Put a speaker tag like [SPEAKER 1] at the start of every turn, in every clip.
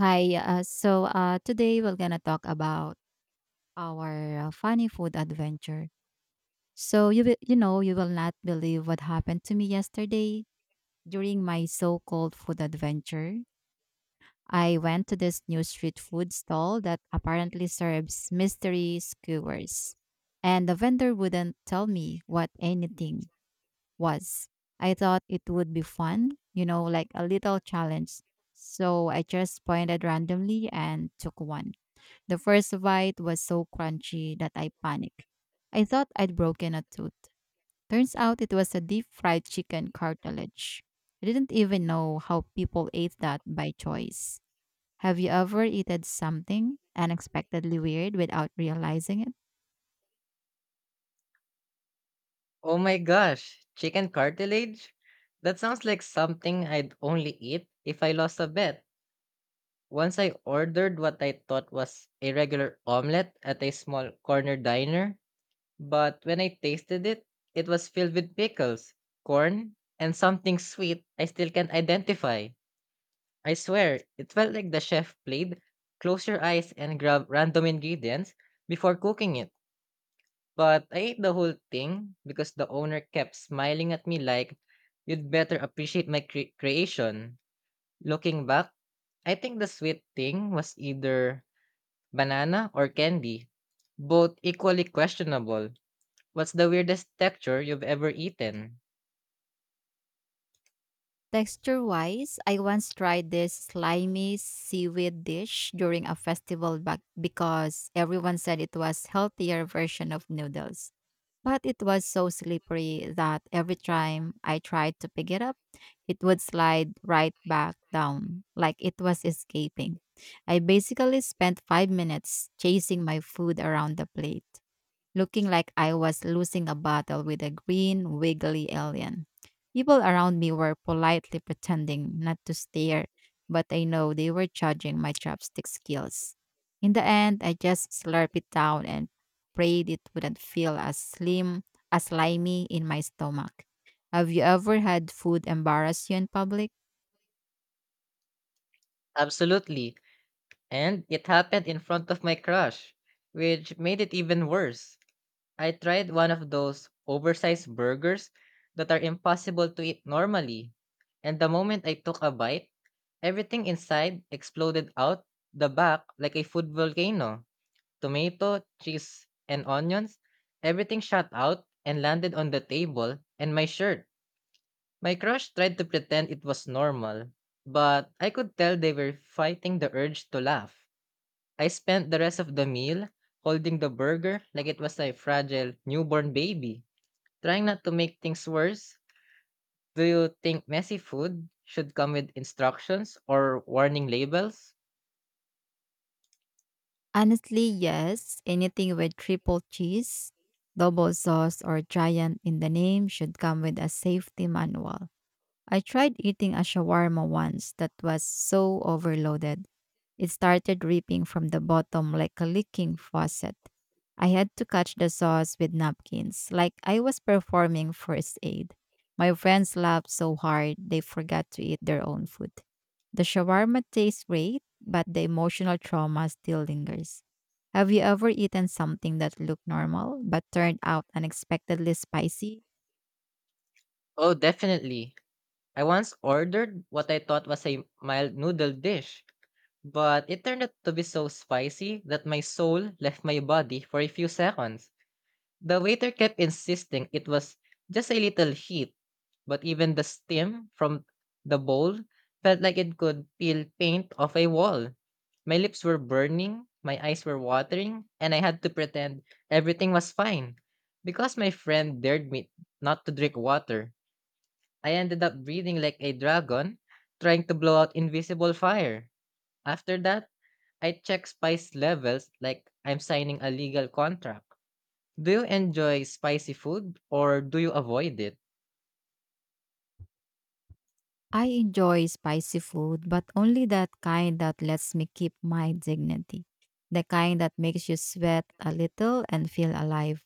[SPEAKER 1] Hi. Today we're gonna talk about our funny food adventure. So you know you will not believe what happened to me yesterday during my so-called food adventure. I went to this new street food stall that apparently serves mystery skewers, and the vendor wouldn't tell me what anything was. I thought it would be fun, you know, like a little challenge. So I just pointed randomly and took one. The first bite was so crunchy that I panicked. I thought I'd broken a tooth. Turns out it was a deep fried chicken cartilage. I didn't even know how people ate that by choice. Have you ever eaten something unexpectedly weird without realizing it?
[SPEAKER 2] Oh my gosh, chicken cartilage? That sounds like something I'd only eat if I lost a bet. Once I ordered what I thought was a regular omelette at a small corner diner, but when I tasted it, it was filled with pickles, corn, and something sweet I still can't identify. I swear, it felt like the chef played close your eyes and grab random ingredients before cooking it. But I ate the whole thing because the owner kept smiling at me like, you'd better appreciate my creation. Looking back, I think the sweet thing was either banana or candy, both equally questionable. What's the weirdest texture you've ever eaten?
[SPEAKER 1] Texture wise, I once tried this slimy seaweed dish during a festival back because everyone said it was healthier version of noodles. But it was so slippery that every time I tried to pick it up, it would slide right back down, like it was escaping. I basically spent 5 minutes chasing my food around the plate looking like I was losing a battle with a green, wiggly alien. People around me were politely pretending not to stare, but I know they were judging my chopstick skills. In the end, I just slurped it down and prayed it wouldn't feel as slimy in my stomach. Have you ever had food embarrass you in public?
[SPEAKER 2] Absolutely. And it happened in front of my crush, which made it even worse. I tried one of those oversized burgers that are impossible to eat normally. And the moment I took a bite, everything inside exploded out the back like a food volcano. Tomato, cheese, and onions. Everything shot out and landed on the table and my shirt. My crush tried to pretend it was normal, but I could tell they were fighting the urge to laugh. I spent the rest of the meal holding the burger like it was a fragile newborn baby. Trying not to make things worse, do you think messy food should come with instructions or warning labels?
[SPEAKER 1] Honestly, yes. Anything with triple cheese, double sauce, or giant in the name should come with a safety manual. I tried eating a shawarma once that was so overloaded. It started dripping from the bottom like a leaking faucet. I had to catch the sauce with napkins, like I was performing first aid. My friends laughed so hard they forgot to eat their own food. The shawarma tastes great, but the emotional trauma still lingers. Have you ever eaten something that looked normal but turned out unexpectedly spicy?
[SPEAKER 2] Oh, definitely. I once ordered what I thought was a mild noodle dish, but it turned out to be so spicy that my soul left my body for a few seconds. The waiter kept insisting it was just a little heat, but even the steam from the bowl felt like it could peel paint off a wall. My lips were burning, my eyes were watering, and I had to pretend everything was fine. Because my friend dared me not to drink water, I ended up breathing like a dragon, trying to blow out invisible fire. After that, I check spice levels like I'm signing a legal contract. Do you enjoy spicy food or do you avoid it?
[SPEAKER 1] I enjoy spicy food, but only that kind that lets me keep my dignity. The kind that makes you sweat a little and feel alive.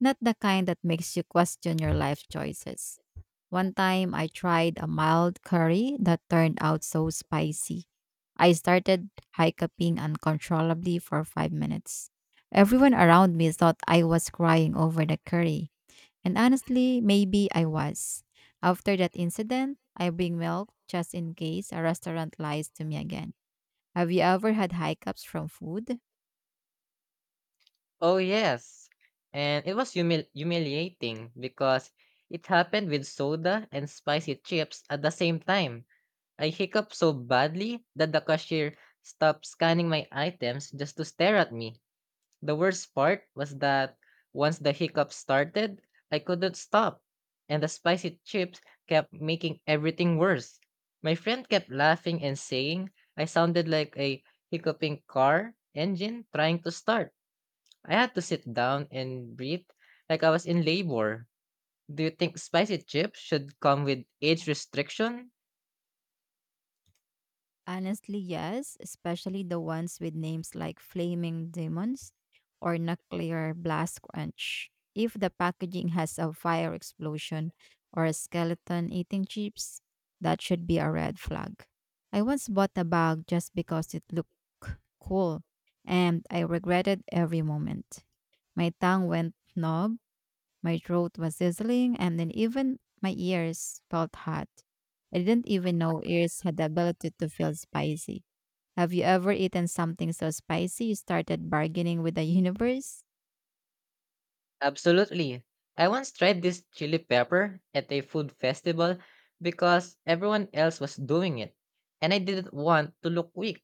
[SPEAKER 1] Not the kind that makes you question your life choices. One time I tried a mild curry that turned out so spicy. I started hiccuping uncontrollably for 5 minutes. Everyone around me thought I was crying over the curry, and honestly, maybe I was. After that incident, I bring milk just in case a restaurant lies to me again. Have you ever had hiccups from food?
[SPEAKER 2] Oh, yes. And it was humiliating because it happened with soda and spicy chips at the same time. I hiccuped so badly that the cashier stopped scanning my items just to stare at me. The worst part was that once the hiccups started, I couldn't stop, and the spicy chips kept making everything worse. My friend kept laughing and saying I sounded like a hiccuping car engine trying to start. I had to sit down and breathe like I was in labor. Do you think spicy chips should come with age restriction?
[SPEAKER 1] Honestly, yes, especially the ones with names like Flaming Demons or Nuclear Blast Crunch. If the packaging has a fire explosion or a skeleton eating chips, that should be a red flag. I once bought a bag just because it looked cool, and I regretted every moment. My tongue went numb, my throat was sizzling, and then even my ears felt hot. I didn't even know ears had the ability to feel spicy. Have you ever eaten something so spicy you started bargaining with the universe?
[SPEAKER 2] Absolutely. I once tried this chili pepper at a food festival because everyone else was doing it, and I didn't want to look weak.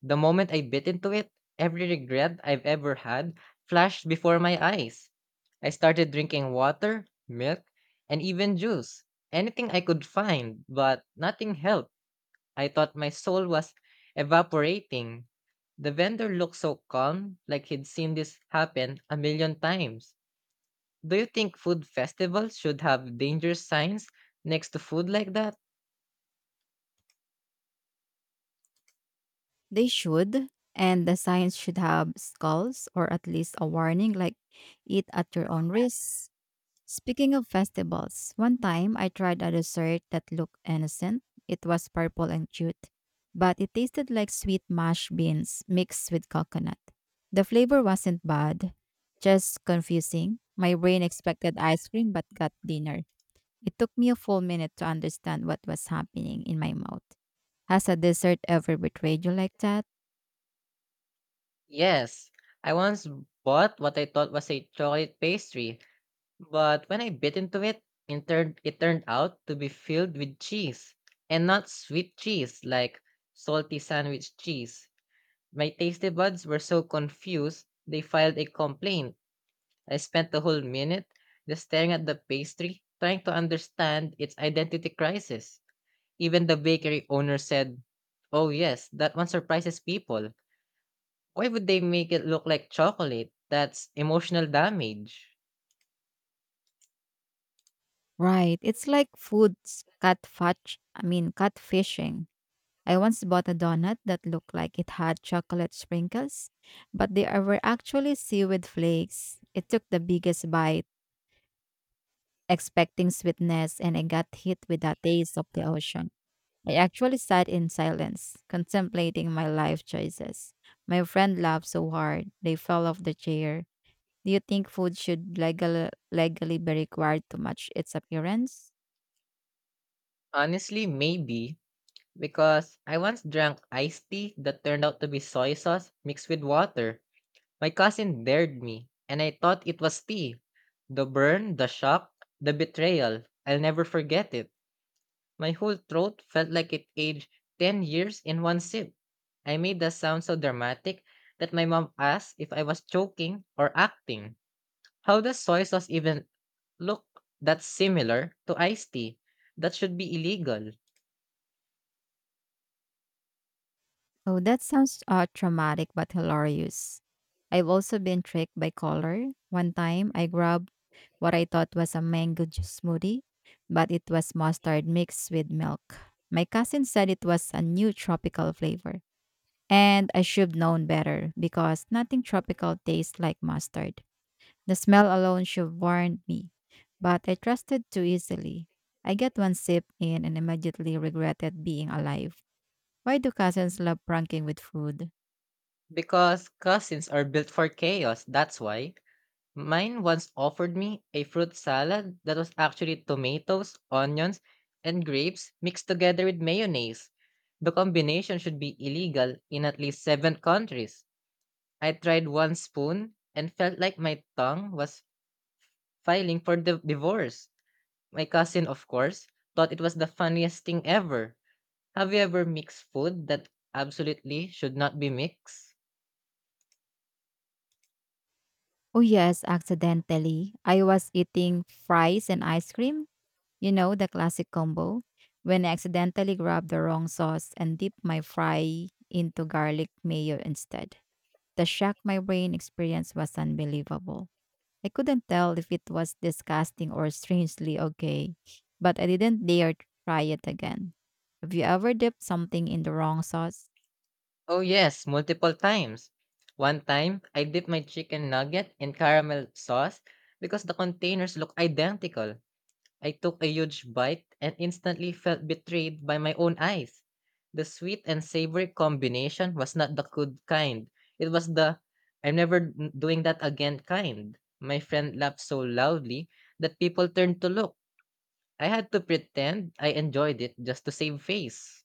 [SPEAKER 2] The moment I bit into it, every regret I've ever had flashed before my eyes. I started drinking water, milk, and even juice. Anything I could find, but nothing helped. I thought my soul was evaporating. The vendor looked so calm, like he'd seen this happen a million times. Do you think food festivals should have danger signs next to food like that?
[SPEAKER 1] They should, and the signs should have skulls or at least a warning like eat at your own risk. Speaking of festivals, one time I tried a dessert that looked innocent. It was purple and cute, but it tasted like sweet mashed beans mixed with coconut. The flavor wasn't bad, just confusing. My brain expected ice cream but got dinner. It took me a full minute to understand what was happening in my mouth. Has a dessert ever betrayed you like that?
[SPEAKER 2] Yes. I once bought what I thought was a chocolate pastry, but when I bit into it, it turned out to be filled with cheese. And not sweet cheese, like salty sandwich cheese. My tasty buds were so confused, they filed a complaint. I spent the whole minute just staring at the pastry, trying to understand its identity crisis. Even the bakery owner said, "Oh yes, that one surprises people. Why would they make it look like chocolate? That's emotional damage."
[SPEAKER 1] Right, it's like food's catfish. Catfishing. I once bought a donut that looked like it had chocolate sprinkles, but were actually seaweed flakes. It took the biggest bite, expecting sweetness, and I got hit with the taste of the ocean. I actually sat in silence, contemplating my life choices. My friend laughed so hard, they fell off the chair. Do you think food should legally be required to match its appearance?
[SPEAKER 2] Honestly, maybe because I once drank iced tea that turned out to be soy sauce mixed with water. My cousin dared me, and I thought it was tea. The burn, the shock, the betrayal. I'll never forget it. My whole throat felt like it aged 10 years in one sip. I made the sound so dramatic that my mom asked if I was joking or acting. How does soy sauce even look that similar to iced tea? That should be illegal.
[SPEAKER 1] Oh, that sounds traumatic but hilarious. I've also been tricked by color. One time, I grabbed what I thought was a mango juice smoothie, but it was mustard mixed with milk. My cousin said it was a new tropical flavor, and I should known better because nothing tropical tastes like mustard. The smell alone should warned me, but I trusted too easily. I get one sip in and immediately regretted being alive. Why do cousins love pranking with food?
[SPEAKER 2] Because cousins are built for chaos, that's why. Mine once offered me a fruit salad that was actually tomatoes, onions, and grapes mixed together with mayonnaise. The combination should be illegal in at least seven countries. I tried one spoon and felt like my tongue was filing for the divorce. My cousin, of course, thought it was the funniest thing ever. Have you ever mixed food that absolutely should not be mixed?
[SPEAKER 1] Oh, yes, accidentally. I was eating fries and ice cream, you know, the classic combo, when I accidentally grabbed the wrong sauce and dipped my fry into garlic mayo instead. The shock my brain experienced was unbelievable. I couldn't tell if it was disgusting or strangely okay, but I didn't dare try it again. Have you ever dipped something in the wrong sauce?
[SPEAKER 2] Oh, yes, multiple times. One time, I dipped my chicken nugget in caramel sauce because the containers look identical. I took a huge bite and instantly felt betrayed by my own eyes. The sweet and savory combination was not the good kind. It was the I'm never doing that again kind. My friend laughed so loudly that people turned to look. I had to pretend I enjoyed it just to save face.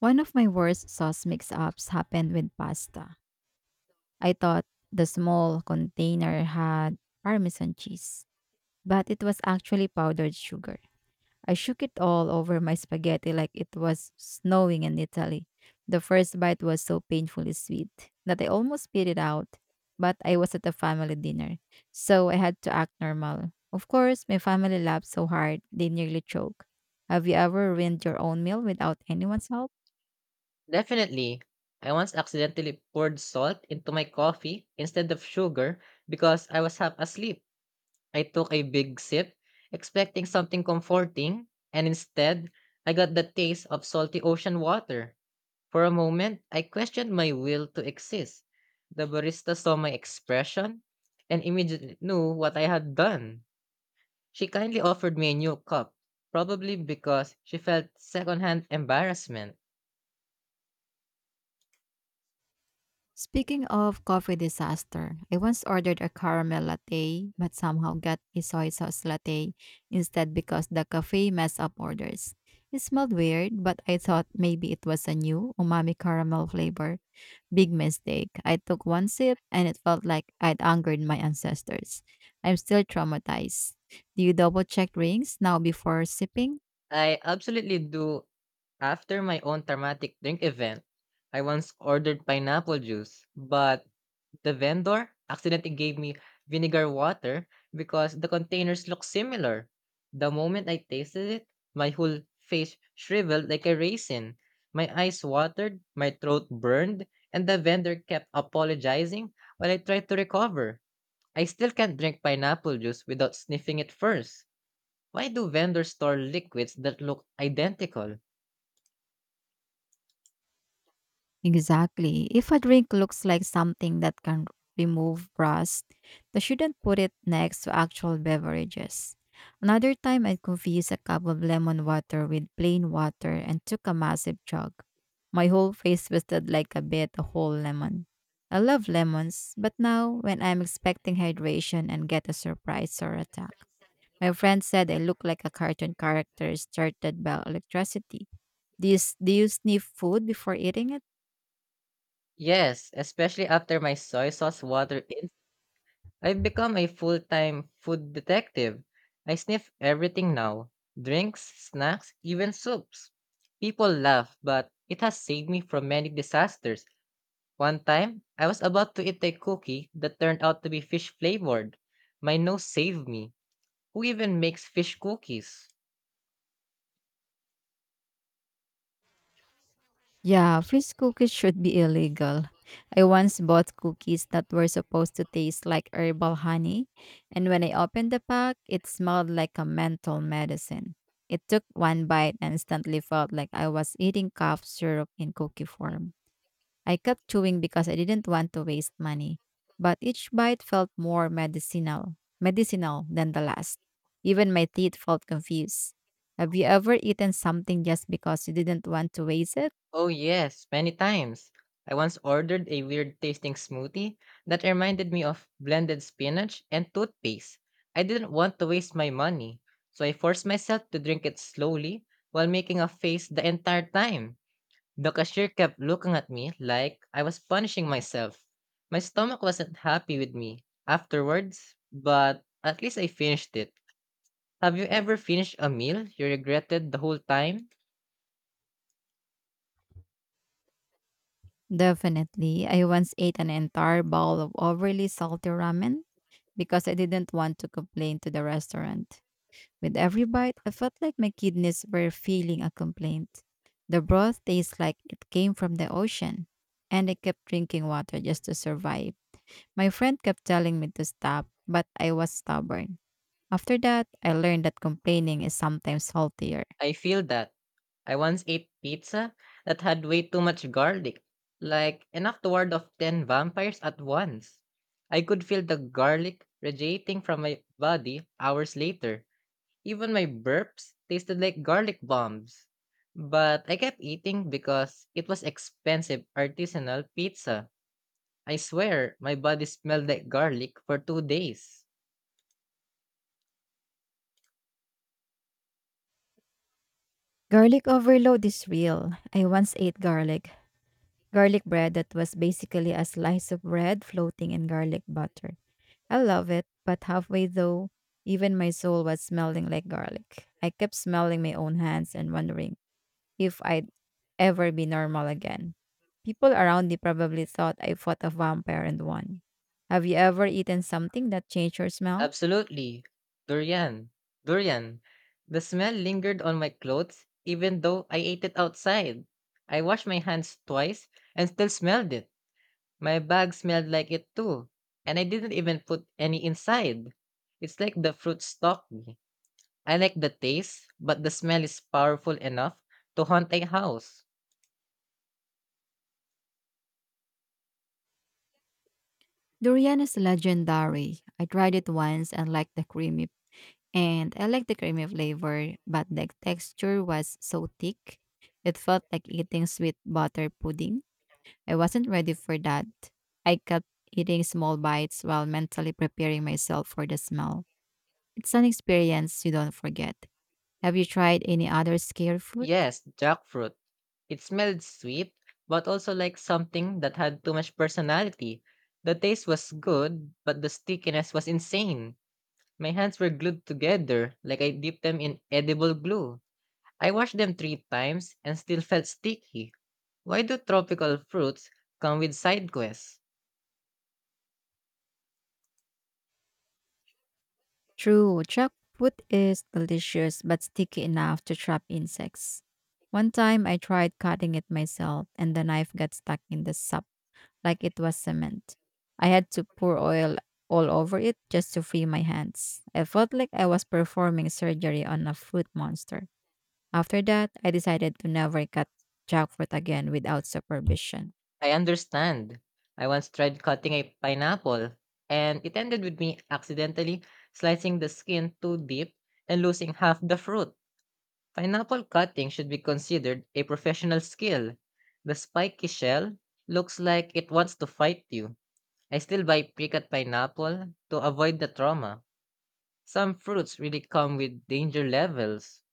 [SPEAKER 1] One of my worst sauce mix ups happened with pasta. I thought the small container had Parmesan cheese, but it was actually powdered sugar. I shook it all over my spaghetti like it was snowing in Italy. The first bite was so painfully sweet that I almost spit it out, but I was at a family dinner, so I had to act normal. Of course, my family laughed so hard they nearly choked. Have you ever ruined your own meal without anyone's help?
[SPEAKER 2] Definitely, I once accidentally poured salt into my coffee instead of sugar because I was half asleep. I took a big sip, expecting something comforting, and instead, I got the taste of salty ocean water. For a moment, I questioned my will to exist. The barista saw my expression and immediately knew what I had done. She kindly offered me a new cup, probably because she felt secondhand embarrassment.
[SPEAKER 1] Speaking of coffee disaster, I once ordered a caramel latte but somehow got a soy sauce latte instead because the cafe messed up orders. It smelled weird, but I thought maybe it was a new umami caramel flavor. Big mistake. I took one sip and it felt like I'd angered my ancestors. I'm still traumatized. Do you double check rings now before sipping?
[SPEAKER 2] I absolutely do after my own traumatic drink event. I once ordered pineapple juice, but the vendor accidentally gave me vinegar water because the containers look similar. The moment I tasted it, my whole face shriveled like a raisin. My eyes watered, my throat burned, and the vendor kept apologizing while I tried to recover. I still can't drink pineapple juice without sniffing it first. Why do vendors store liquids that look identical?
[SPEAKER 1] Exactly. If a drink looks like something that can remove rust, they shouldn't put it next to actual beverages. Another time, I confused a cup of lemon water with plain water and took a massive chug. My whole face twisted like a bit a whole lemon. I love lemons, but now when I'm expecting hydration and get a surprise or attack, my friend said I look like a cartoon character started by electricity. Do you sniff food before eating it?
[SPEAKER 2] Yes, especially after my soy sauce water, I've become a full-time food detective. I sniff everything now: drinks, snacks, even soups. People laugh, but it has saved me from many disasters. One time, I was about to eat a cookie that turned out to be fish flavored. My nose saved me. Who even makes fish cookies?
[SPEAKER 1] Yeah, freeze cookies should be illegal. I once bought cookies that were supposed to taste like herbal honey, and when I opened the pack, it smelled like a mental medicine. It took one bite and instantly felt like I was eating cough syrup in cookie form. I kept chewing because I didn't want to waste money, but each bite felt more medicinal than the last. Even my teeth felt confused. Have you ever eaten something just because you didn't want to waste it?
[SPEAKER 2] Oh, yes, many times. I once ordered a weird tasting smoothie that reminded me of blended spinach and toothpaste. I didn't want to waste my money, so I forced myself to drink it slowly while making a face the entire time. The cashier kept looking at me like I was punishing myself. My stomach wasn't happy with me afterwards, but at least I finished it. Have you ever finished a meal you regretted the whole time?
[SPEAKER 1] Definitely. I once ate an entire bowl of overly salty ramen because I didn't want to complain to the restaurant. With every bite, I felt like my kidneys were feeling a complaint. The broth tastes like it came from the ocean, and I kept drinking water just to survive. My friend kept telling me to stop, but I was stubborn. After that, I learned that complaining is sometimes healthier.
[SPEAKER 2] I feel that. I once ate pizza that had way too much garlic, like enough to ward off 10 vampires at once. I could feel the garlic radiating from my body hours later. Even my burps tasted like garlic bombs. But I kept eating because it was expensive artisanal pizza. I swear, my body smelled like garlic for 2 days.
[SPEAKER 1] Garlic overload is real. I once ate garlic. Garlic bread that was basically a slice of bread floating in garlic butter. I love it, but halfway though, even my soul was smelling like garlic. I kept smelling my own hands and wondering if I'd ever be normal again. People around me probably thought I fought a vampire and won. Have you ever eaten something that changed your smell?
[SPEAKER 2] Absolutely. Durian. Durian. The smell lingered on my clothes even though I ate it outside. I washed my hands twice and still smelled it. My bag smelled like it too. And I didn't even put any inside. It's like the fruit stalked me. I like the taste, but the smell is powerful enough to haunt a house.
[SPEAKER 1] Durian is legendary. I tried it once and liked the creamy flavor, but the texture was so thick. It felt like eating sweet butter pudding. I wasn't ready for that. I kept eating small bites while mentally preparing myself for the smell. It's an experience you don't forget. Have you tried any other scare food?
[SPEAKER 2] Yes, jackfruit. It smelled sweet, but also like something that had too much personality. The taste was good, but the stickiness was insane. My hands were glued together, like I dipped them in edible glue. I washed them three times and still felt sticky. Why do tropical fruits come with side quests?
[SPEAKER 1] True, trap food is delicious but sticky enough to trap insects. One time I tried cutting it myself and the knife got stuck in the sap like it was cement. I had to pour oil all over it just to free my hands. I felt like I was performing surgery on a fruit monster. After that, I decided to never cut jackfruit again without supervision.
[SPEAKER 2] I understand. I once tried cutting a pineapple, and it ended with me accidentally slicing the skin too deep and losing half the fruit. Pineapple cutting should be considered a professional skill. The spiky shell looks like it wants to fight you. I still buy pre-cut pineapple to avoid the trauma. Some fruits really come with danger levels.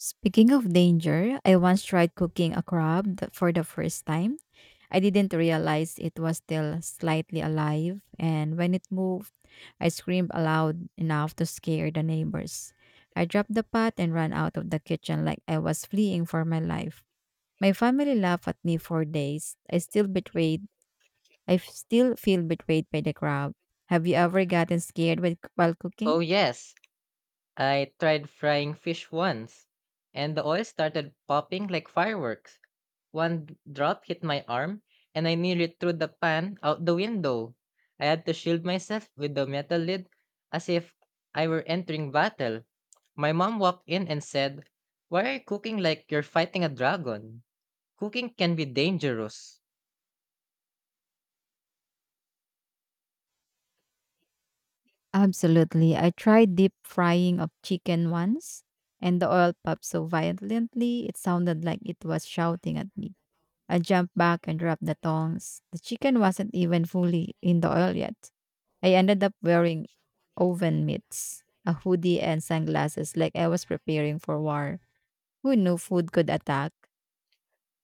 [SPEAKER 1] Speaking of danger, I once tried cooking a for the first time. I didn't realize it was still slightly alive, and when it moved, I screamed aloud enough to scare the neighbors. I dropped the pot and ran out of the kitchen like I was fleeing for my life. My family laughed at me for days. I still betrayed I f- still feel betrayed by the crowd. Have you ever gotten scared while cooking?
[SPEAKER 2] Oh yes, I tried frying fish once, and the oil started popping like fireworks. One drop hit my arm, and I nearly threw the pan out the window. I had to shield myself with the metal lid as if I were entering battle. My mom walked in and said, why are you cooking like you're fighting a dragon? Cooking can be dangerous.
[SPEAKER 1] Absolutely. I tried deep frying of chicken once, and the oil popped so violently it sounded like it was shouting at me. I jumped back and dropped the tongs. The chicken wasn't even fully in the oil yet. I ended up wearing oven mitts, a hoodie, and sunglasses like I was preparing for war. Who knew food could attack?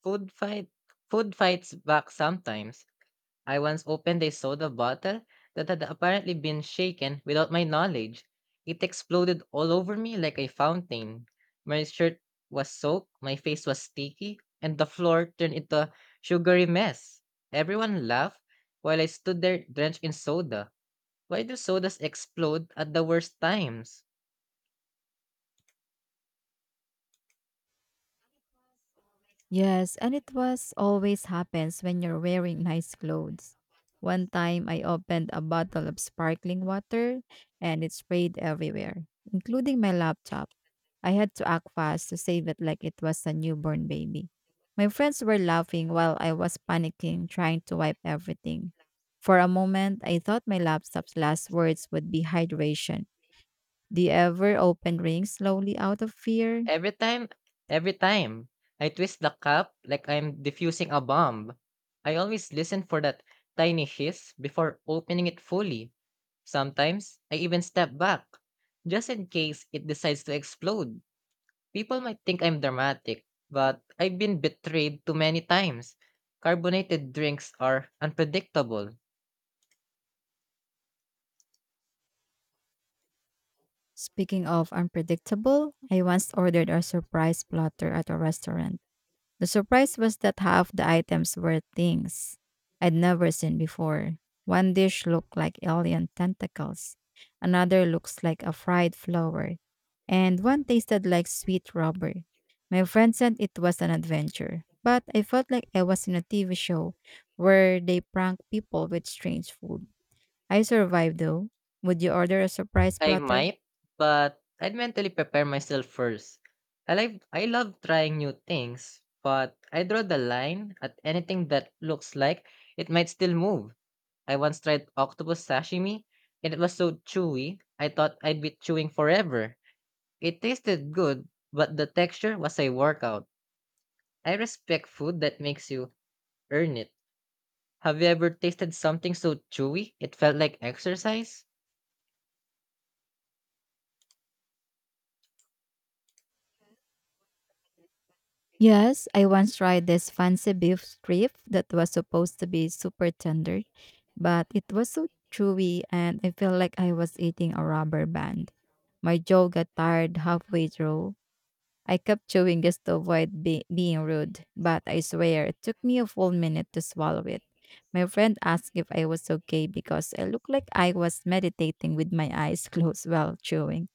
[SPEAKER 2] Food fight Food fights back sometimes. I once opened a soda bottle that had apparently been shaken without my knowledge. It exploded all over me like a fountain. My shirt was soaked, my face was sticky, and the floor turned into a sugary mess. Everyone laughed while I stood there drenched in soda. Why do sodas explode at the worst times?
[SPEAKER 1] Yes, and it was always happens when you're wearing nice clothes. One time I opened a bottle of sparkling water and it sprayed everywhere, including my laptop. I had to act fast to save it like it was a newborn baby. My friends were laughing while I was panicking, trying to wipe everything. For a moment, I thought my laptop's last words would be hydration. Do you ever open rings slowly out of fear?
[SPEAKER 2] Every time every time I twist the cap like I'm defusing a bomb, I always listen for that tiny hiss before opening it fully. Sometimes I even step back, just in case it decides to explode. People might think I'm dramatic, but I've been betrayed too many times. Carbonated drinks are unpredictable.
[SPEAKER 1] Speaking of unpredictable, I once ordered a surprise platter at a restaurant. The surprise was that half the items were things I'd never seen before. One dish looked like alien tentacles, another looks like a fried flower, and one tasted like sweet rubber. My friend said it was an adventure, but I felt like I was in a TV show where they prank people with strange food. I survived though. Would you order a surprise
[SPEAKER 2] I
[SPEAKER 1] platter?
[SPEAKER 2] might, but I'd mentally prepare myself first. I love trying new things, but I draw the line at anything that looks like it might still move. I once tried octopus sashimi, and it was so chewy, I thought I'd be chewing forever. It tasted good, but the texture was a workout. I respect food that makes you earn it. Have you ever tasted something so chewy it felt like exercise?
[SPEAKER 1] Yes, I once tried this fancy beef strip that was supposed to be super tender, but it was so chewy and I felt like I was eating a rubber band. My jaw got tired halfway through. I kept chewing just to avoid being rude, but I swear it took me a full minute to swallow it. My friend asked if I was okay because I looked like I was meditating with my eyes closed while chewing.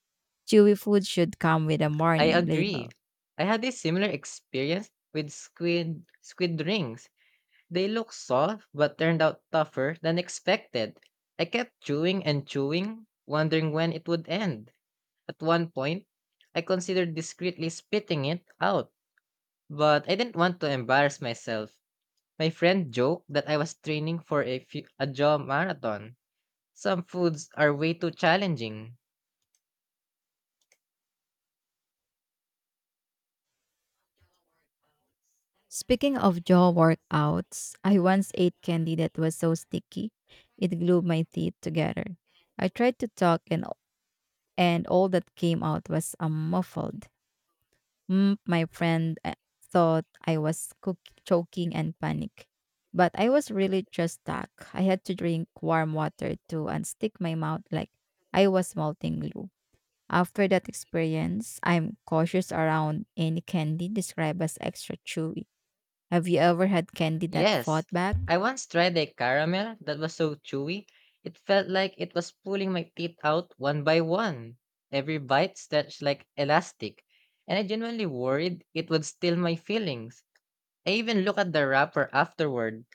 [SPEAKER 1] Chewy food should come with a
[SPEAKER 2] I
[SPEAKER 1] warning
[SPEAKER 2] agree.
[SPEAKER 1] label.
[SPEAKER 2] I had a similar experience with squid rings. They look soft but turned out tougher than expected. I kept chewing and chewing, wondering when it would end. At one point, I considered discreetly spitting it out, but I didn't want to embarrass myself. My friend joked that I was training for a jaw marathon. Some foods are way too challenging.
[SPEAKER 1] Speaking of jaw workouts, I once ate candy that was so sticky it glued my teeth together. I tried to talk and all that came out was a muffled. Mm, my friend thought I was choking and panic. But I was really just stuck. I had to drink warm water to unstick my mouth like I was melting glue. After that experience, I'm cautious around any candy described as extra chewy. Have you ever had candy that
[SPEAKER 2] Yes,
[SPEAKER 1] fought back?
[SPEAKER 2] I once tried a caramel that was so chewy, it felt like it was pulling my teeth out one by one. Every bite stretched like elastic, and I genuinely worried it would steal my feelings. I even looked at the wrapper afterward,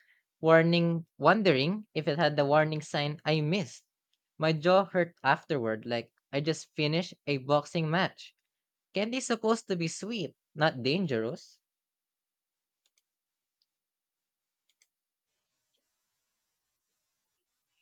[SPEAKER 2] wondering if it had the warning sign I missed. My jaw hurt afterward, like I just finished a boxing match. Candy's supposed to be sweet, not dangerous.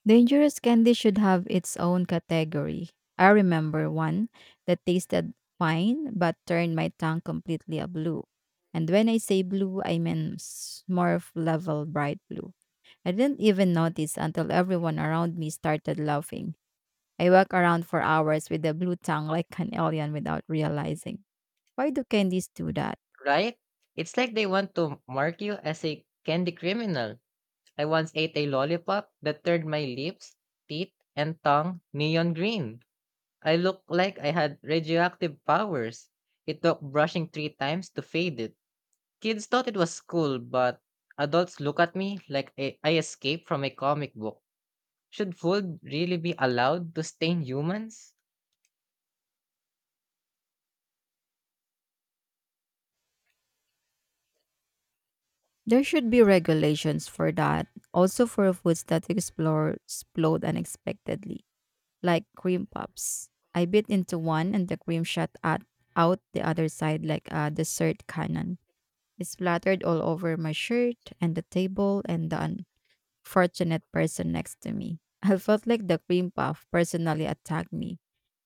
[SPEAKER 1] Dangerous candy should have its own category. I remember one that tasted fine but turned my tongue completely a blue. And when I say blue, I mean smurf level bright blue. I didn't even notice until everyone around me started laughing. I walked around for hours with a blue tongue like an alien without realizing. Why do candies do that?
[SPEAKER 2] Right? It's like they want to mark you as a candy criminal. I once ate a lollipop that turned my lips, teeth, and tongue neon green. I looked like I had radioactive powers. It took brushing three times to fade it. Kids thought it was cool, but adults look at me like I escaped from a comic book. Should food really be allowed to stain humans?
[SPEAKER 1] There should be regulations for that. Also for foods that explore explode unexpectedly, like cream puffs. I bit into one and the cream shot at, out the other side like a dessert cannon. It splattered all over my shirt and the table and the unfortunate person next to me. I felt like the cream puff personally attacked me.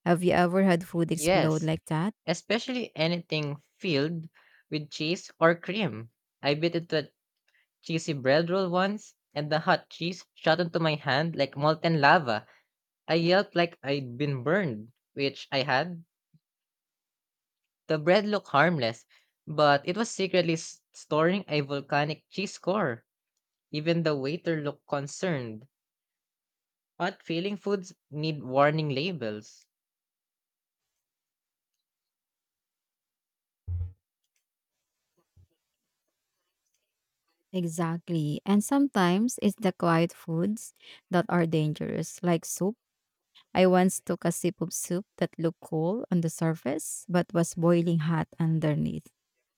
[SPEAKER 1] Have you ever had food explode
[SPEAKER 2] Yes,
[SPEAKER 1] like that?
[SPEAKER 2] especially anything filled with cheese or cream. I bit into cheesy bread roll once, and the hot cheese shot into my hand like molten lava. I yelped like I'd been burned, which I had. The bread looked harmless, but it was secretly storing a volcanic cheese core. Even the waiter looked concerned. Odd feeling foods need warning labels.
[SPEAKER 1] Exactly. And sometimes it's the quiet foods that are dangerous, like soup. I once took a sip of soup that looked cool on the surface but was boiling hot underneath.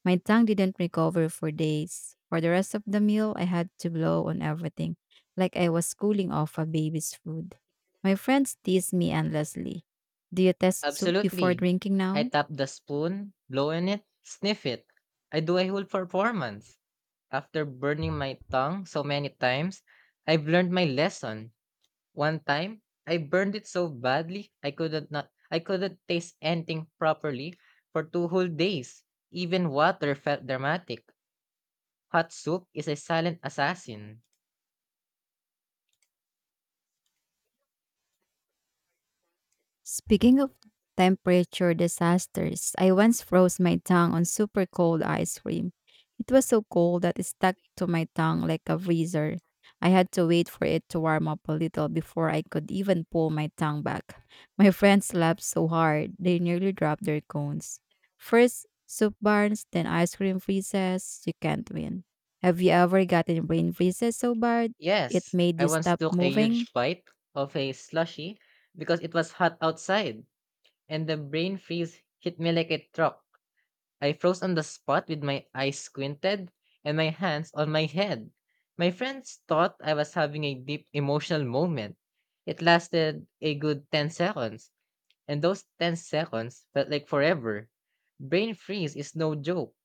[SPEAKER 1] My tongue didn't recover for days. For the rest of the meal, I had to blow on everything, like I was cooling off a baby's food. My friends teased me endlessly. Do you test soup before
[SPEAKER 2] Absolutely.
[SPEAKER 1] drinking
[SPEAKER 2] I
[SPEAKER 1] now?
[SPEAKER 2] tap the spoon, blow in it, sniff it. I do a whole performance. After burning my tongue so many times, I've learned my lesson. One time, I burned it so badly I couldn't taste anything properly for two whole days. Even water felt dramatic. Hot soup is a silent assassin.
[SPEAKER 1] Speaking of temperature disasters, I once froze my tongue on super cold ice cream. It was so cold that it stuck to my tongue like a freezer. I had to wait for it to warm up a little before I could even pull my tongue back. My friends laughed so hard, they nearly dropped their cones. First, soup burns, then ice cream freezes. You can't win. Have you ever gotten brain freezes so bad it
[SPEAKER 2] Yes,
[SPEAKER 1] made
[SPEAKER 2] I
[SPEAKER 1] you
[SPEAKER 2] once
[SPEAKER 1] stop
[SPEAKER 2] took a
[SPEAKER 1] moving?
[SPEAKER 2] huge bite of a slushy because it was hot outside, and the brain freeze hit me like a truck. I froze on the spot with my eyes squinted and my hands on my head. My friends thought I was having a deep emotional moment. It lasted a good 10 seconds, and those 10 seconds felt like forever. Brain freeze is no joke.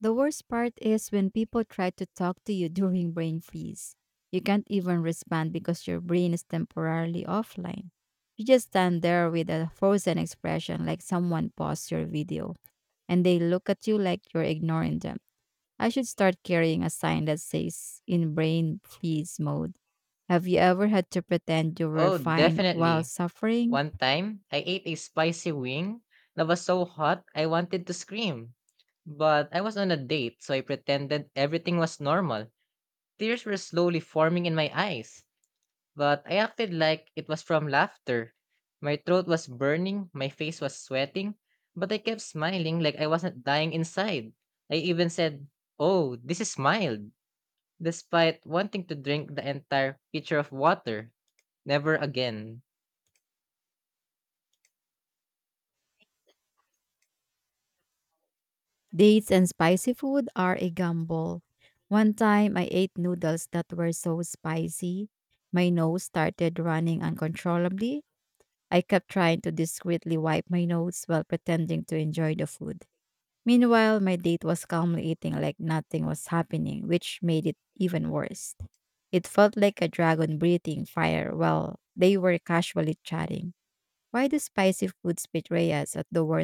[SPEAKER 1] The worst part is when people try to talk to you during brain freeze. You can't even respond because your brain is temporarily offline. You just stand there with a frozen expression like someone paused your video and they look at you like you're ignoring them. I should start carrying a sign that says in brain freeze mode. Have you ever had to pretend you were
[SPEAKER 2] Oh,
[SPEAKER 1] fine while
[SPEAKER 2] definitely.
[SPEAKER 1] suffering?
[SPEAKER 2] One time, I ate a spicy wing that was so hot I wanted to scream. But I was on a date, so I pretended everything was normal. Tears were slowly forming in my eyes, but I acted like it was from laughter. My throat was burning, my face was sweating, but I kept smiling like I wasn't dying inside. I even said, "Oh, this is mild," despite wanting to drink the entire pitcher of water. Never again.
[SPEAKER 1] Dates and spicy food are a gamble. One time I ate noodles that were so spicy, my nose started running uncontrollably. I kept trying to discreetly wipe my nose while pretending to enjoy the food. Meanwhile, my date was calmly eating like nothing was happening, which made it even worse. It felt like a dragon breathing fire while they were casually chatting. Why do spicy foods betray us at the worst